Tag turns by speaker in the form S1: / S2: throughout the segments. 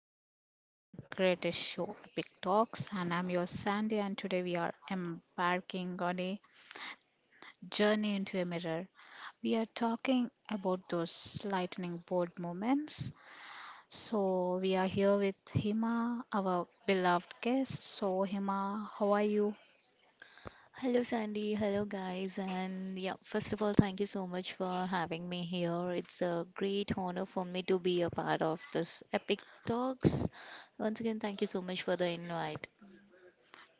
S1: welcome back to our greatest show, Epic Talks. And I'm your Sandy, and today we are embarking on a journey into a mirror. We are talking about those lightning bolt moments. So, we are here with Hima, our beloved guest. So, Hima, how are you?
S2: Hello, Sandy. Hello, guys. And yeah, first of all, thank you so much for having me here. It's a great honor for me to be a part of this epic talks. Once again, thank you so much for the invite.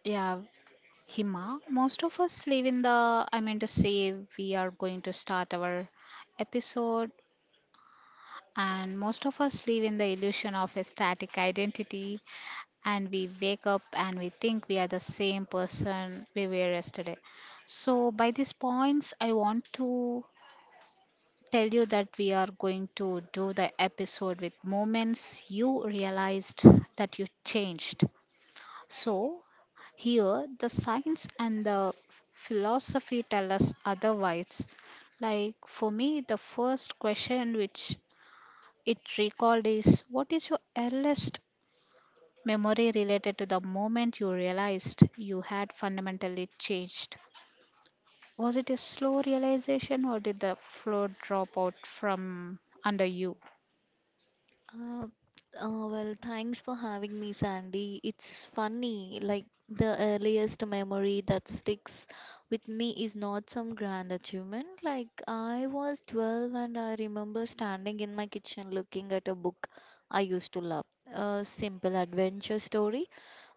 S1: Yeah, Hima, most of us live in the, I mean to say, we are going to start our episode. And most of us live in the illusion of a static identity, and we wake up and we think we are the same person we were yesterday. So, by these points, I want to tell you that we are going to do the episode with moments you realized that you changed. So, here the science and the philosophy tell us otherwise, like for me the first question which it recalled is, what is your earliest memory related to the moment you realized you had fundamentally changed? Was it a slow realization or did the floor drop out from under you?
S2: Uh, well, thanks for having me, Sandy. It's funny, like the earliest memory that sticks with me is not some grand achievement. Like I was 12 and I remember standing in my kitchen looking at a book I used to love, a simple adventure story.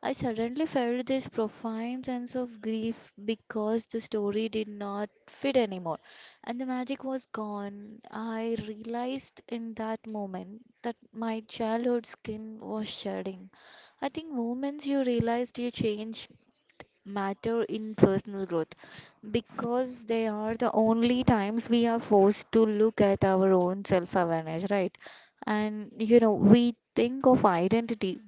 S2: I suddenly felt this profound sense of grief because the story did not fit anymore and the magic was gone. I realized in that moment that my childhood skin was shedding. I think moments you realized you change matter in personal growth because they are the only times we are forced to look at our own self awareness, right? And you know, we think of identity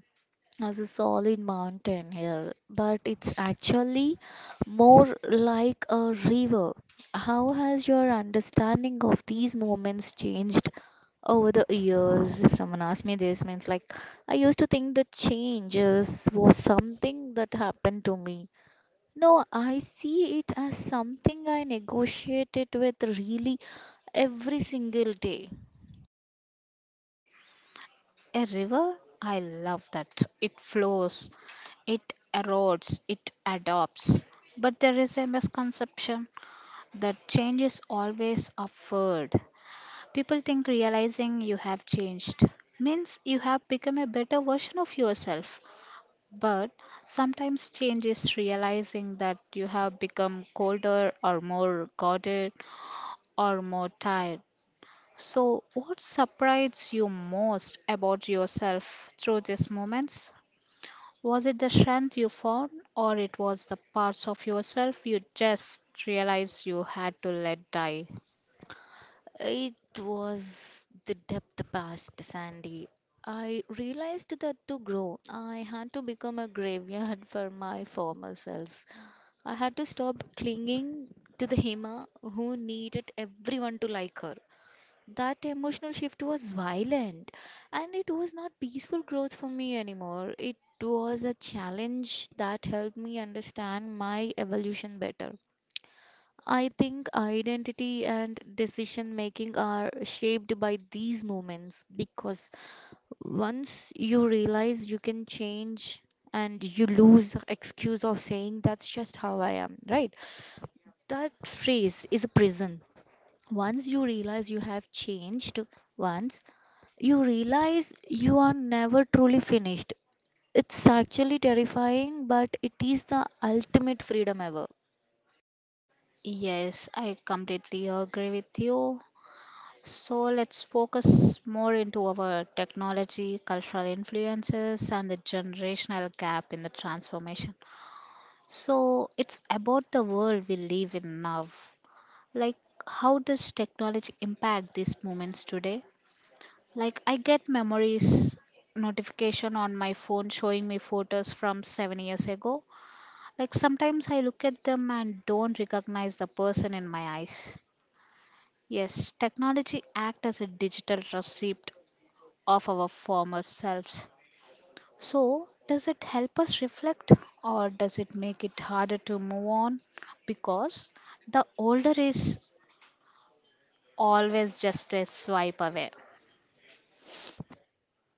S2: as a solid mountain here, but it's actually more like a river. How has your understanding of these moments changed over the years? If someone asked me this, means like I used to think the changes was something that happened to me. No, I see it as something I negotiated with really every single day.
S1: A river? I love that. It flows, it erodes, it adopts. But there is a misconception that change is always upward. People think realizing you have changed means you have become a better version of yourself. But sometimes change is realizing that you have become colder or more guarded or more tired. So, what surprised you most about yourself through these moments? Was it the strength you found, or it was the parts of yourself you just realized you had to let die?
S2: It was the depth past, Sandy. I realized that to grow, I had to become a graveyard for my former selves. I had to stop clinging to the Hema who needed everyone to like her. That emotional shift was violent and it was not peaceful growth for me anymore. It was a challenge that helped me understand my evolution better. I think identity and decision making are shaped by these moments because once you realize you can change and you lose the excuse of saying that's just how I am, right? That phrase is a prison. Once you realize you have changed, once you realize you are never truly finished. It's actually terrifying, but it is the ultimate freedom ever.
S1: Yes, I completely agree with you. So let's focus more into our technology, cultural influences, and the generational gap in the transformation. So it's about the world we live in now. Like, how does technology impact these moments today? Like, I get memories notification on my phone showing me photos from 7 years ago. Like, sometimes I look at them and don't recognize the person in my eyes. Yes, technology act as a digital receipt of our former selves. So, does it help us reflect or does it make it harder to move on? Because the older is always just a swipe away.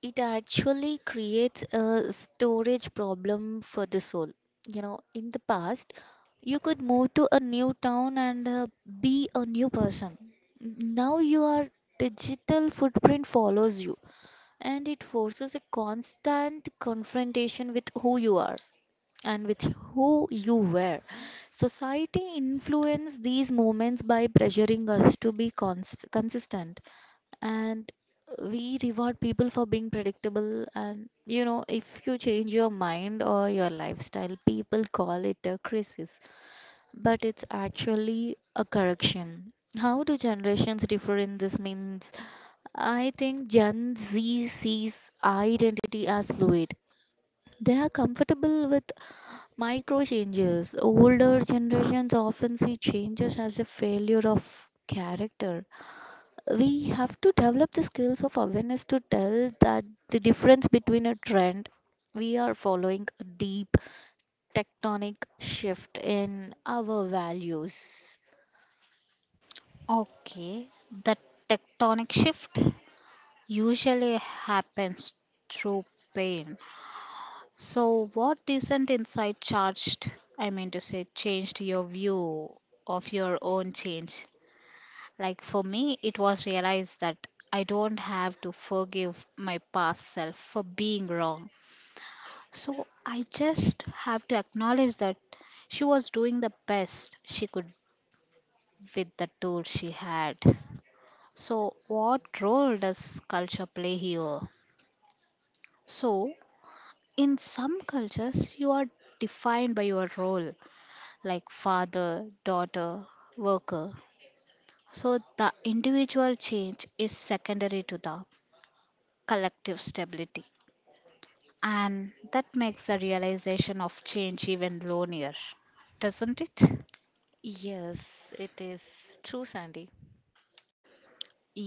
S2: It actually creates a storage problem for the soul. You know, in the past, you could move to a new town and be a new person. Now your digital footprint follows you and it forces a constant confrontation with who you are and with who you were. Society influences these movements by pressuring us to be consistent, and we reward people for being predictable. And you know, if you change your mind or your lifestyle, people call it a crisis, but it's actually a correction. How do generations differ in this means, I think Gen Z sees identity as fluid. They are comfortable with micro changes. Older generations often see changes as a failure of character. We have to develop the skills of awareness to tell that the difference between a trend we are following a deep tectonic shift in our values.
S1: Okay, the tectonic shift usually happens through pain. So, what isn't inside charged? I mean to say, changed your view of your own change. Like for me, it was realized that I don't have to forgive my past self for being wrong. So I just have to acknowledge that she was doing the best she could with the tools she had. So, what role does culture play here? So, in some cultures, you are defined by your role, like father, daughter, worker. So, the individual change is secondary to the collective stability. And that makes the realization of change even lonelier, doesn't it?
S2: Yes, it is true, Sandy.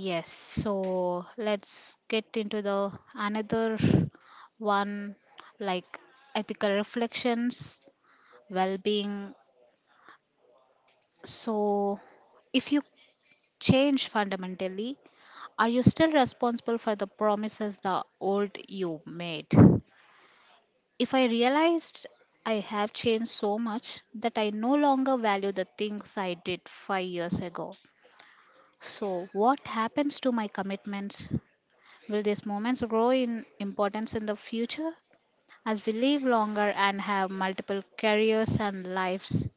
S1: Yes, so let's get into the another one, like ethical reflections, well being. So, if you change fundamentally, are you still responsible for the promises the old you made? If I realized I have changed so much that I no longer value the things I did 5 years ago. So, what happens to my commitments? Will these moments grow in importance in the future? As we live longer and have multiple careers and lives,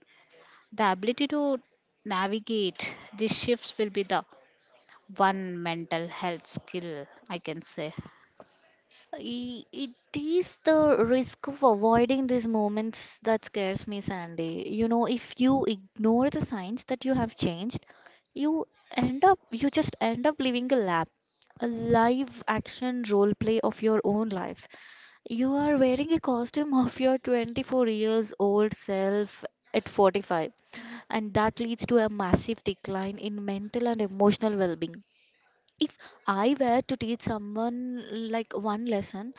S1: the ability to navigate these shifts will be the one mental health skill I can say.
S2: It is the risk of avoiding these moments that scares me, Sandy. You know, if you ignore the signs that you have changed, you end up you just end up living a lap a live action role play of your own life. You are wearing a costume of your 24 years old self at 45, and that leads to a massive decline in mental and emotional well being. If I were to teach someone like one lesson,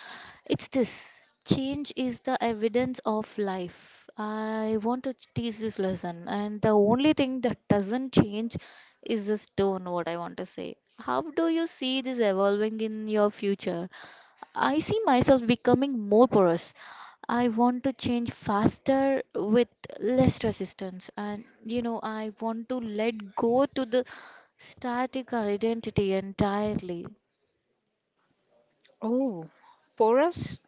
S2: it's this: change is the evidence of life. I want to teach this lesson, and the only thing that doesn't change is this tone, what I want to say. How do you see this evolving in your future? I see myself becoming more porous. I want to change faster with less resistance. And, you know, I want to let go to the static identity entirely.
S1: Oh, porous?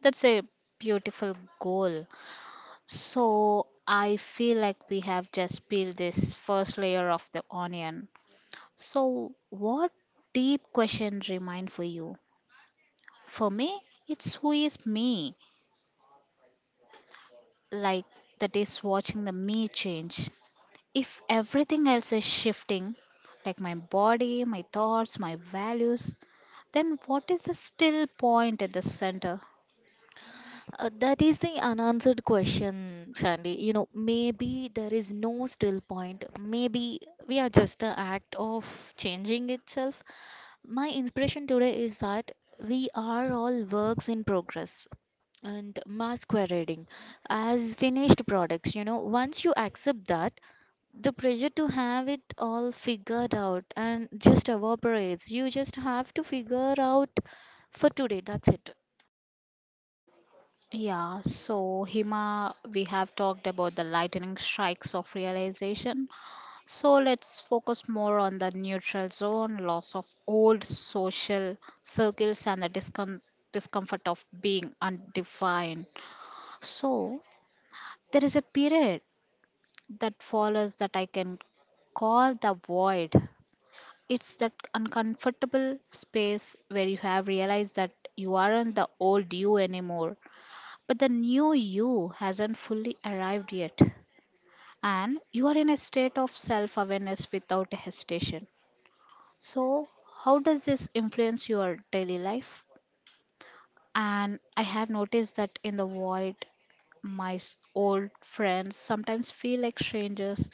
S1: That's a beautiful goal. So I feel like we have just peeled this first layer of the onion. So what deep question remain for you? For me, it's who is me? Like that is watching the me change. If everything else is shifting, like my body, my thoughts, my values, then what is the still point at the center?
S2: That is the unanswered question, Sandy. You know, maybe there is no still point. Maybe we are just the act of changing itself. My inspiration today is that we are all works in progress and masquerading as finished products. You know, once you accept that, the pressure to have it all figured out and just evaporates. You just have to figure out for today, that's it.
S1: Yeah, so Hima, we have talked about the lightning strikes of realization. So let's focus more on the neutral zone, loss of old social circles, and the discomfort of being undefined. So there is a period that follows that I can call the void. It's that uncomfortable space where you have realized that you aren't the old you anymore, but the new you hasn't fully arrived yet. And you are in a state of self awareness without hesitation. So, how does this influence your daily life? And I have noticed that in the void, my old friends sometimes feel like strangers,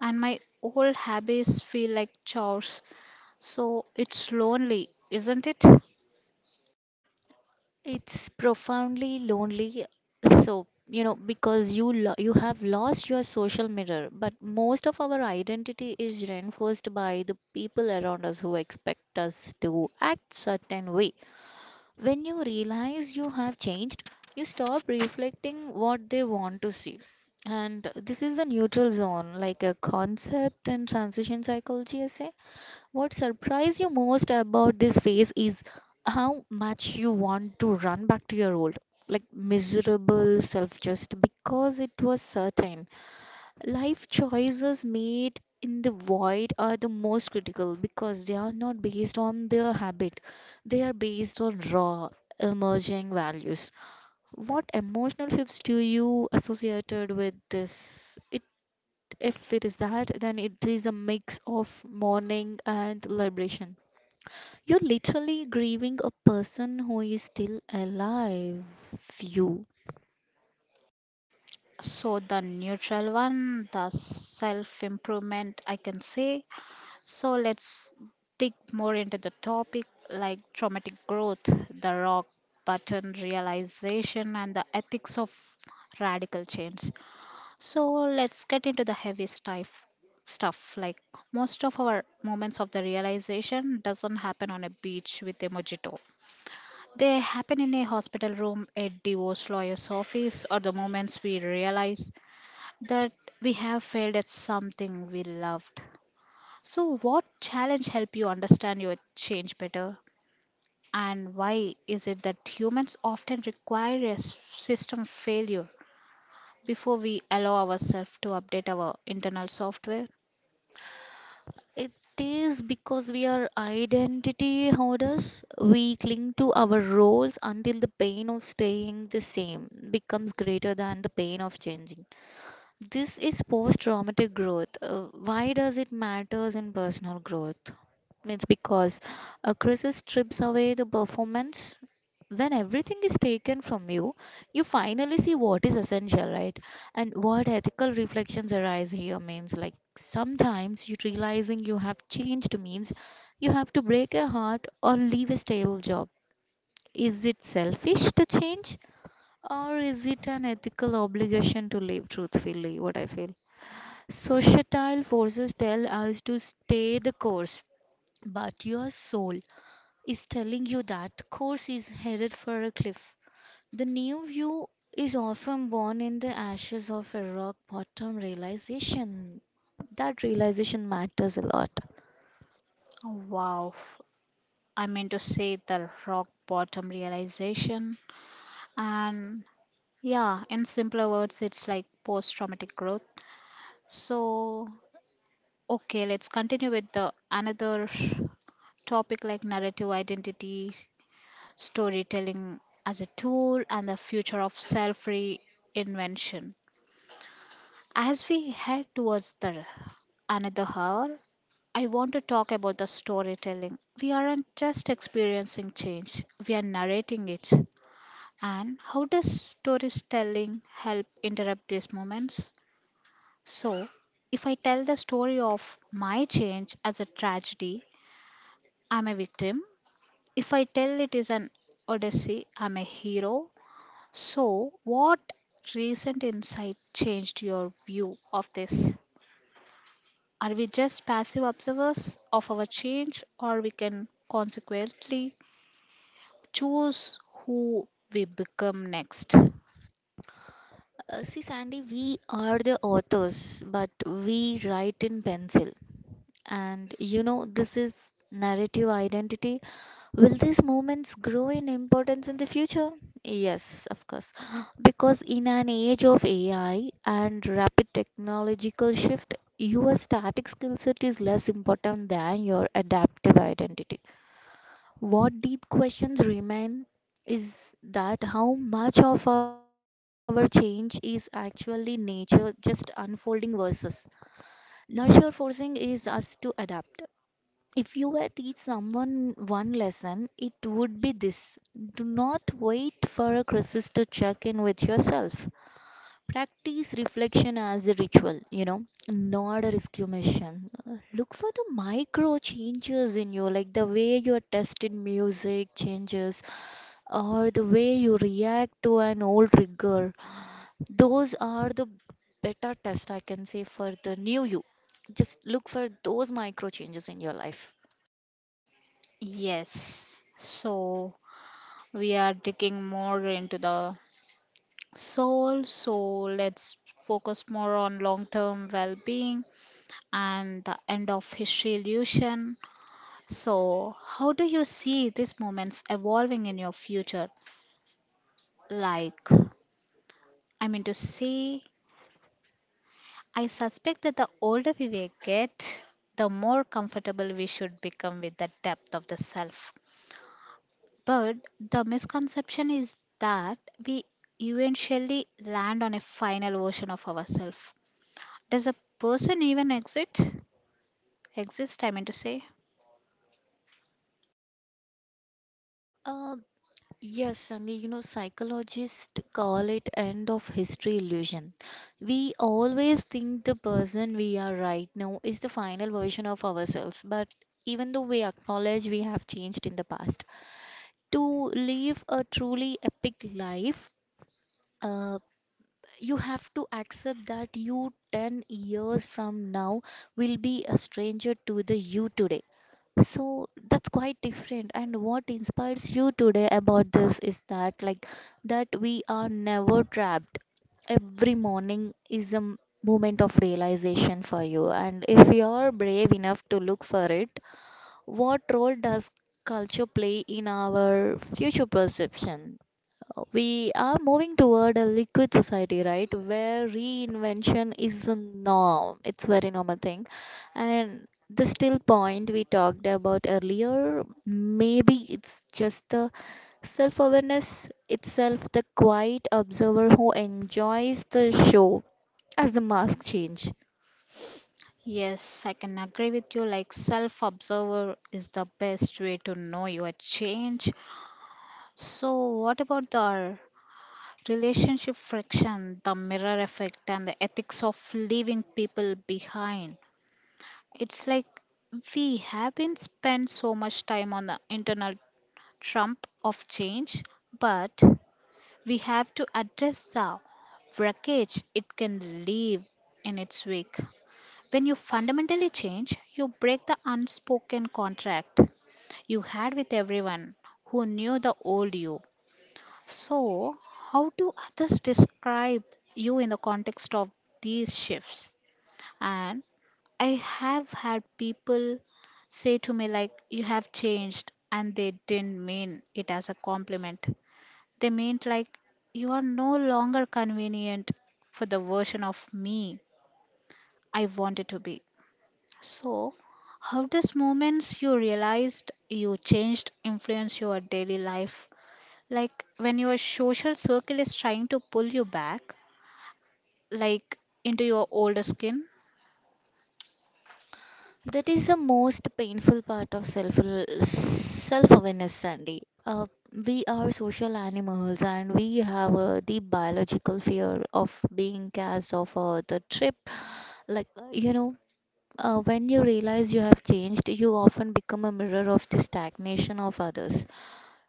S1: and my old habits feel like chores. So, it's lonely, isn't it?
S2: It's profoundly lonely. So, you know, because you you have lost your social mirror, but most of our identity is reinforced by the people around us who expect us to act certain way. When you realize you have changed, you stop reflecting what they want to see. And this is the neutral zone, like a concept in transition psychology essay. What surprised you most about this phase is how much you want to run back to your old, like miserable self just because it was certain. Life choices made in the void are the most critical because they are not based on their habit, they are based on raw, emerging values. What emotional shifts do you associated with this? It, if it is that, then it is a mix of mourning and liberation. You're literally grieving a person who is still alive. You.
S1: So, the neutral one, the self improvement, I can say. So let's dig more into the topic, like traumatic growth, the rock button realization, and the ethics of radical change. So let's get into the heavy stuff, like most of our moments of the realization doesn't happen on a beach with a mojito. They happen in a hospital room, a divorce lawyer's office, or the moments we realize that we have failed at something we loved. So, what challenge help you understand your change better, and why is it that humans often require a system failure before we allow ourselves to update our internal software?
S2: It is because we are identity hoarders. We cling to our roles until the pain of staying the same becomes greater than the pain of changing. This is post-traumatic growth. Why does it matters in personal growth? It's because a crisis strips away the performance. When everything is taken from you, you finally see what is essential, right? And what ethical reflections arise here means, like sometimes you realizing you have changed means you have to break a heart or leave a stable job. Is it selfish to change? Or is it an ethical obligation to live truthfully? What I feel. Societal forces tell us to stay the course, but your soul is telling you that course is headed for a cliff. The new you is often born in the ashes of a rock bottom realization. That realization matters a lot.
S1: Wow, I mean to say the rock bottom realization, and yeah, in simpler words, it's like post traumatic growth. So, okay, let's continue with the another topic, like narrative identity, storytelling as a tool, and the future of self reinvention. As we head towards the another hour, I want to talk about the storytelling. We aren't just experiencing change, we are narrating it. And how does storytelling help interrupt these moments? So, if I tell the story of my change as a tragedy, I'm a victim. If I tell it is an odyssey, I'm a hero. So, what recent insight changed your view of this? Are we just passive observers of our change, or we can consequently choose who we become next?
S2: See, Sandy, we are the authors, but we write in pencil. And you know, this is narrative identity. Will these moments grow in importance in the future? Yes, of course. Because in an age of AI and rapid technological shift, your static skill set is less important than your adaptive identity. What deep questions remain is that how much of our change is actually nature just unfolding versus nurture forcing is us to adapt. If you were to teach someone one lesson, it would be this. Do not wait for a crisis to check in with yourself. Practice reflection as a ritual, you know, not a mission. Look for the micro changes in you, like the way your taste in music changes or the way you react to an old trigger. Those are the better test I can say for the new you. Just look for those micro changes in your life.
S1: Yes. So, we are digging more into the soul. So, let's focus more on long term well being and the end of history illusion. So, how do you see these moments evolving in your future? Like, I mean to say, I suspect that the older we get, the more comfortable we should become with the depth of the self. But the misconception is that we eventually land on a final version of ourselves. Does a person even exit? Exist, I mean to say.
S2: Uh, Yes and you know, psychologists call it end of history illusion. We always think the person we are right now is the final version of ourselves, but even though we acknowledge we have changed in the past, to live a truly epic life, uh, you have to accept that you 10 years from now will be a stranger to the you today. So that's quite different. And what inspires you today about this is that, like, that we are never trapped. Every morning is a moment of realization for you. And if you're brave enough to look for it, what role does culture play in our future perception? We are moving toward a liquid society, right? Where reinvention is a norm. It's very normal thing. And the still point we talked about earlier, maybe it's just the self awareness itself, the quiet observer who enjoys the show as the mask change.
S1: Yes, I can agree with you. Like, self observer is the best way to know your change. So, what about the relationship friction, the mirror effect, and the ethics of leaving people behind? It's like we have been spent so much time on the internal trump of change, but we have to address the wreckage it can leave in its wake. When you fundamentally change, you break the unspoken contract you had with everyone who knew the old you. So, how do others describe you in the context of these shifts? And I have had people say to me, like, you have changed, and they didn't mean it as a compliment. They meant, like, you are no longer convenient for the version of me I wanted to be. So, how does moments you realized you changed influence your daily life? Like when your social circle is trying to pull you back, like into your older skin?
S2: That is the most painful part of self awareness, Sandy. We are social animals, and we have the biological fear of being cast off the trip. Like uh, you know, when you realize you have changed, you often become a mirror of the stagnation of others.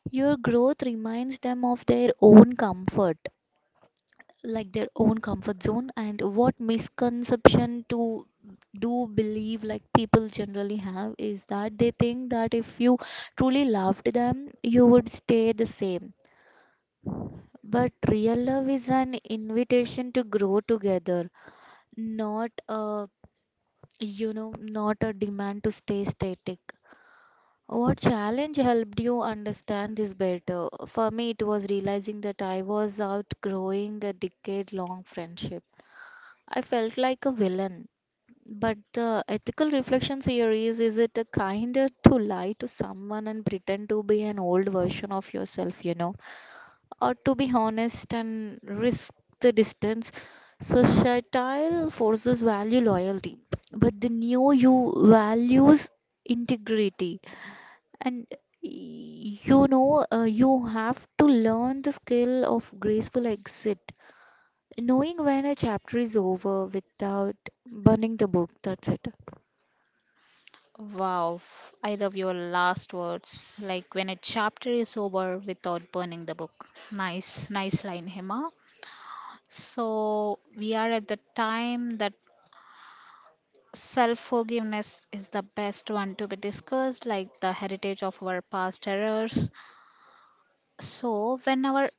S2: Your growth reminds them of their own comfort, like their own comfort zone. And what misconception to do believe, like people generally have, is that they think that if you truly loved them you would stay the same, but real love is an invitation to grow together, not a not a demand to stay static. What challenge helped you understand this better, for me it was realizing that I was outgrowing a decade long friendship. I felt like a villain. But the ethical reflections here is it kinder to lie to someone and pretend to be an old version of yourself, you know, or to be honest and risk the distance? Societal forces value loyalty, but the new you values integrity, and you know, you have to learn the skill of graceful exit. Knowing when a chapter is over without burning the book, that's it.
S1: Wow, I love your last words. Like when a chapter is over without burning the book. Nice, nice line, Hema. So, we are at the time that self forgiveness is the best one to be discussed, like the heritage of our past errors. So, when our,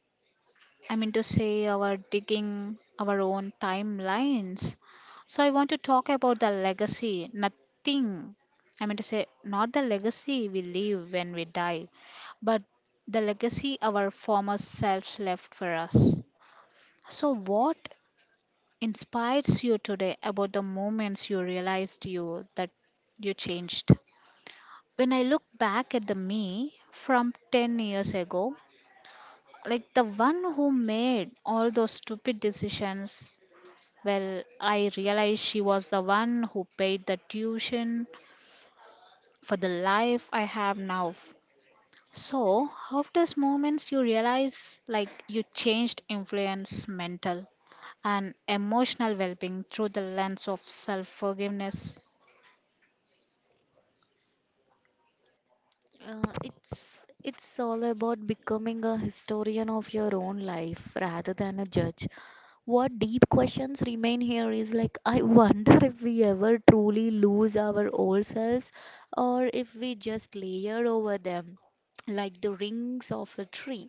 S1: I mean to say, our digging our own timelines, so I want to talk about the legacy, nothing. I mean to say, not the legacy we leave when we die, but the legacy our former selves left for us. So, what inspires you today about the moments you realized you that you changed? When I look back at the me from 10 years ago, like the one who made all those stupid decisions, well, I realized she was the one who paid the tuition for the life I have now. So after those moments you realize like you changed influence mental and emotional well-being through the lens of self-forgiveness.
S2: It's all about becoming a historian of your own life rather than a judge. What deep questions remain here is like I wonder if we ever truly lose our old selves or if we just layer over them like the rings of a tree.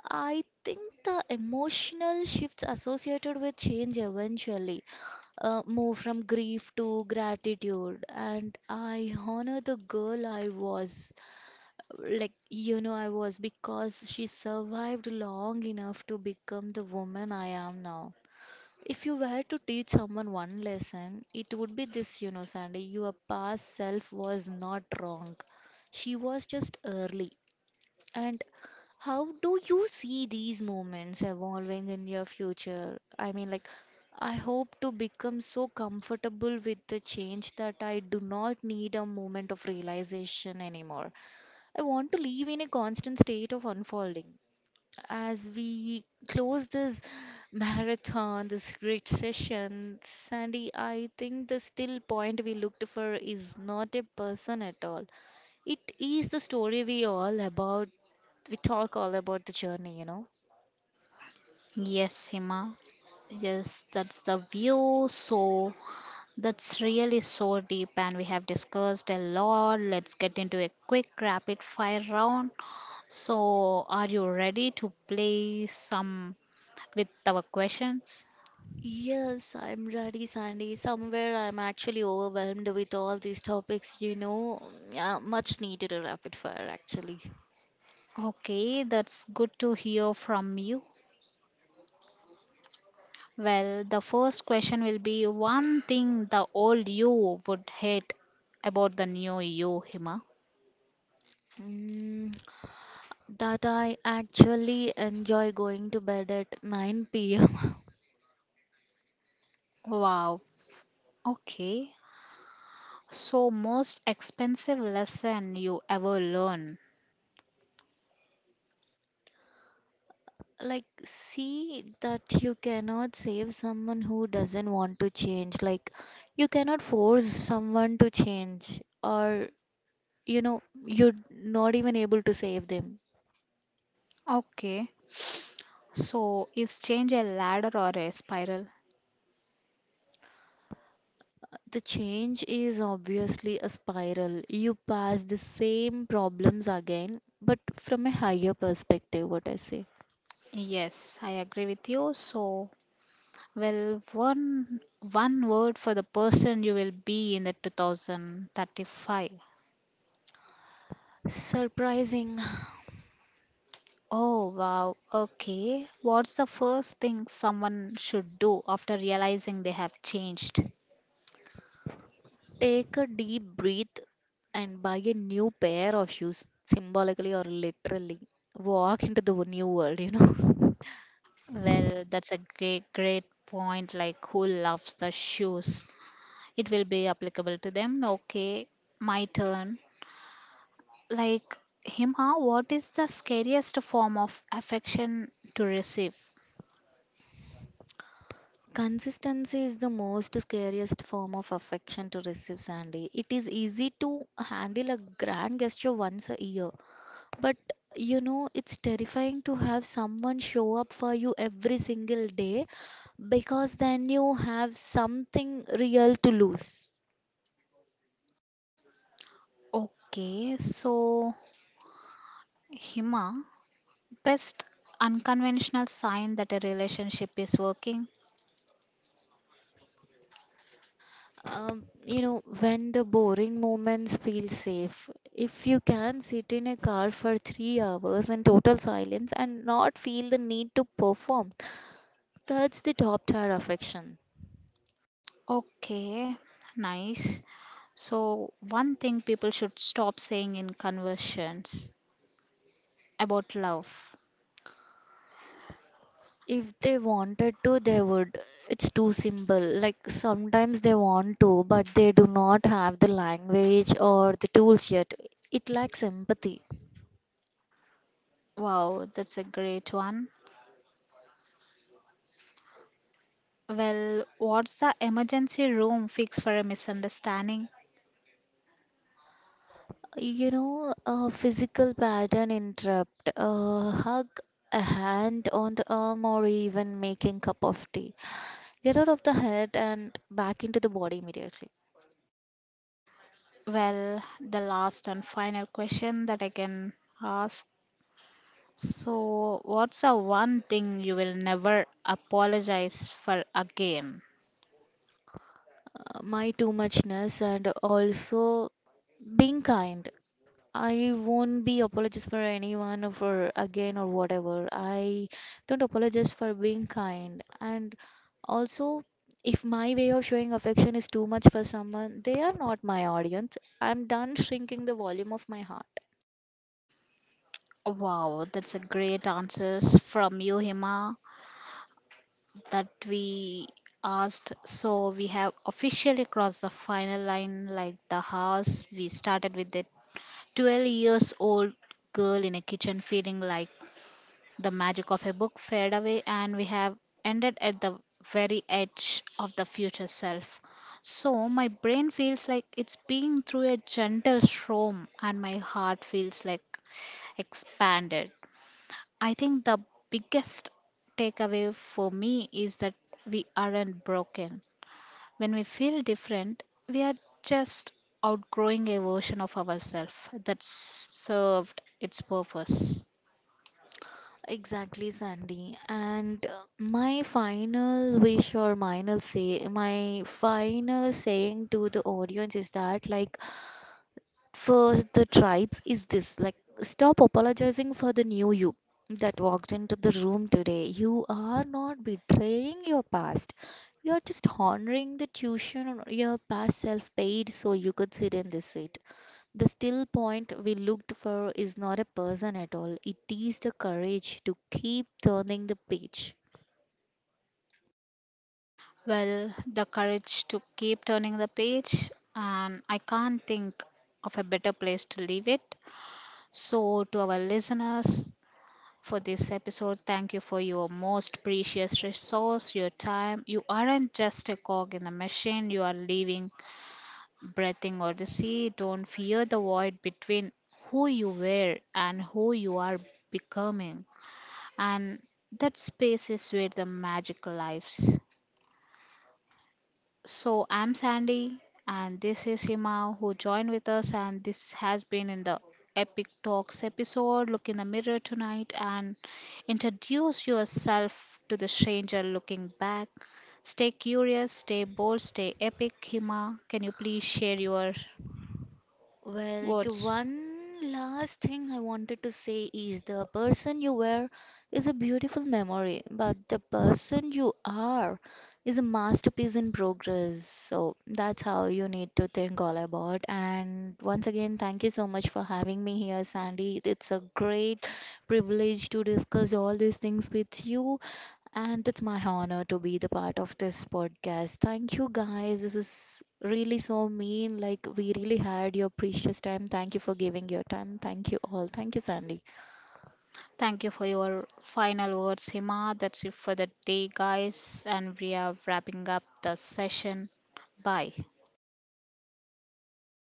S2: I think the emotional shifts associated with change eventually move from grief to gratitude, and I honor the girl I was, like I was, because she survived long enough to become the woman I am now. If you were to teach someone one lesson, it would be this: you know, Sandy, your past self was not wrong, she was just early. And how do you see these moments evolving in your future? I mean, like, I hope to become so comfortable with the change that I do not need a moment of realization anymore. I want to live in a constant state of unfolding. As we close this marathon, this great session, Sandy, I think the still point we looked for is not a person at all, it is the story we all about, we talk all about the journey, you know.
S1: Yes, Hima, yes, that's the view. So that's really so deep, and we have discussed a lot. Let's get into a quick rapid fire round. So, are you ready to play some with our questions?
S2: Yes, I'm ready, Sandy. Somewhere I'm actually overwhelmed with all these topics, you know. Yeah, much needed a rapid fire, actually.
S1: Okay, that's good to hear from you. Well, the first question will be, one thing the old you would hate about the new you, Hima.
S2: Mm, that I actually enjoy going to bed at 9 p.m.
S1: Wow. Okay. So, most expensive lesson you ever learned.
S2: Like, see that you cannot save someone who doesn't want to change. Like, you cannot force someone to change, or you know, you're not even able to save them.
S1: Okay. So, is change a ladder or a spiral?
S2: The change is obviously a spiral. You pass the same problems again but from a higher perspective, what I say.
S1: Yes, I agree with you. So, well, one word for the person you will be in the 2035.
S2: Surprising.
S1: Oh, wow. Okay. What's the first thing someone should do after realizing they have changed?
S2: Take a deep breath and buy a new pair of shoes, symbolically or literally, walk into the new world, you know.
S1: Well, that's a great, great point. Like, who loves the shoes? It will be applicable to them. Okay, my turn. Like, Hima, what is the scariest form of affection to receive?
S2: Consistency is the most scariest form of affection to receive, Sandy. It is easy to handle a grand gesture once a year. But you know, it's terrifying to have someone show up for you every single day, because then you have something real to lose.
S1: Okay, so Hima, best unconventional sign that a relationship is working.
S2: You know, when the boring moments feel safe, if you can sit in a car for 3 hours in total silence and not feel the need to perform, that's the top tier affection.
S1: Okay, nice. So, one thing people should stop saying in conversations about love.
S2: If they wanted to, they would. It's too simple. Like, sometimes they want to, but they do not have the language or the tools yet. It lacks empathy.
S1: Wow, that's a great one. Well, what's the emergency room fix for a misunderstanding?
S2: You know, a physical pattern interrupt, a hug, a hand on the arm, or even making cup of tea. Get out of the head and back into the body immediately.
S1: Well, the last and final question that I can ask. So, what's the one thing you will never apologize for again?
S2: My too muchness, and also being kind. I won't be apologist for anyone or for again or whatever. I don't apologize for being kind. And also, if my way of showing affection is too much for someone, they are not my audience. I'm done shrinking the volume of my heart.
S1: Wow, that's a great answers from you, Hima, that we asked. So, we have officially crossed the final line like the house. We started with the 12 years old girl in a kitchen feeling like the magic of a book fade away, and we have ended at the very edge of the future self. So, my brain feels like it's being through a gentle storm, and my heart feels like expanded. I think the biggest takeaway for me is that we aren't broken. When we feel different, we are just outgrowing a version of ourselves that served its purpose.
S2: Exactly, Sandy. And my final wish, or final say, my final saying to the audience is that, like, for the tribes is this: like, stop apologizing for the new you that walked into the room today. You are not betraying your past, you are just honoring the tuition your past self paid so you could sit in this seat. The still point we looked for is not a person at all, it is the courage to keep turning the page.
S1: Well, the courage to keep turning the page, and I can't think of a better place to leave it. So, to our listeners for this episode, thank you for your most precious resource, your time. You aren't just a cog in the machine, you are living, breathing odyssey. Don't fear the void between who you were and who you are becoming. And that space is where the magic lives. So I'm Sandy and this is Hima who joined with us, and this has been in the Epic Talks episode. Look in the mirror tonight and introduce yourself to the stranger looking back. Stay curious, stay bold, stay epic. Hima, can you please share your
S2: Well, the
S1: words?
S2: one last thing I wanted to say is the person you were is a beautiful memory, but the person you are is a masterpiece in progress. So that's how you need to think all about. And once again, thank you so much for having me here, Sandy. It's a great privilege to discuss all these things with you. And it's my honor to be the part of this podcast. Thank you, guys. This is really so mean. Like, we really had your precious time. Thank you for giving your time. Thank you all. Thank you, Sandy.
S1: Thank you for your final words, Hima. That's it for the day, guys. And we are wrapping up the session. Bye.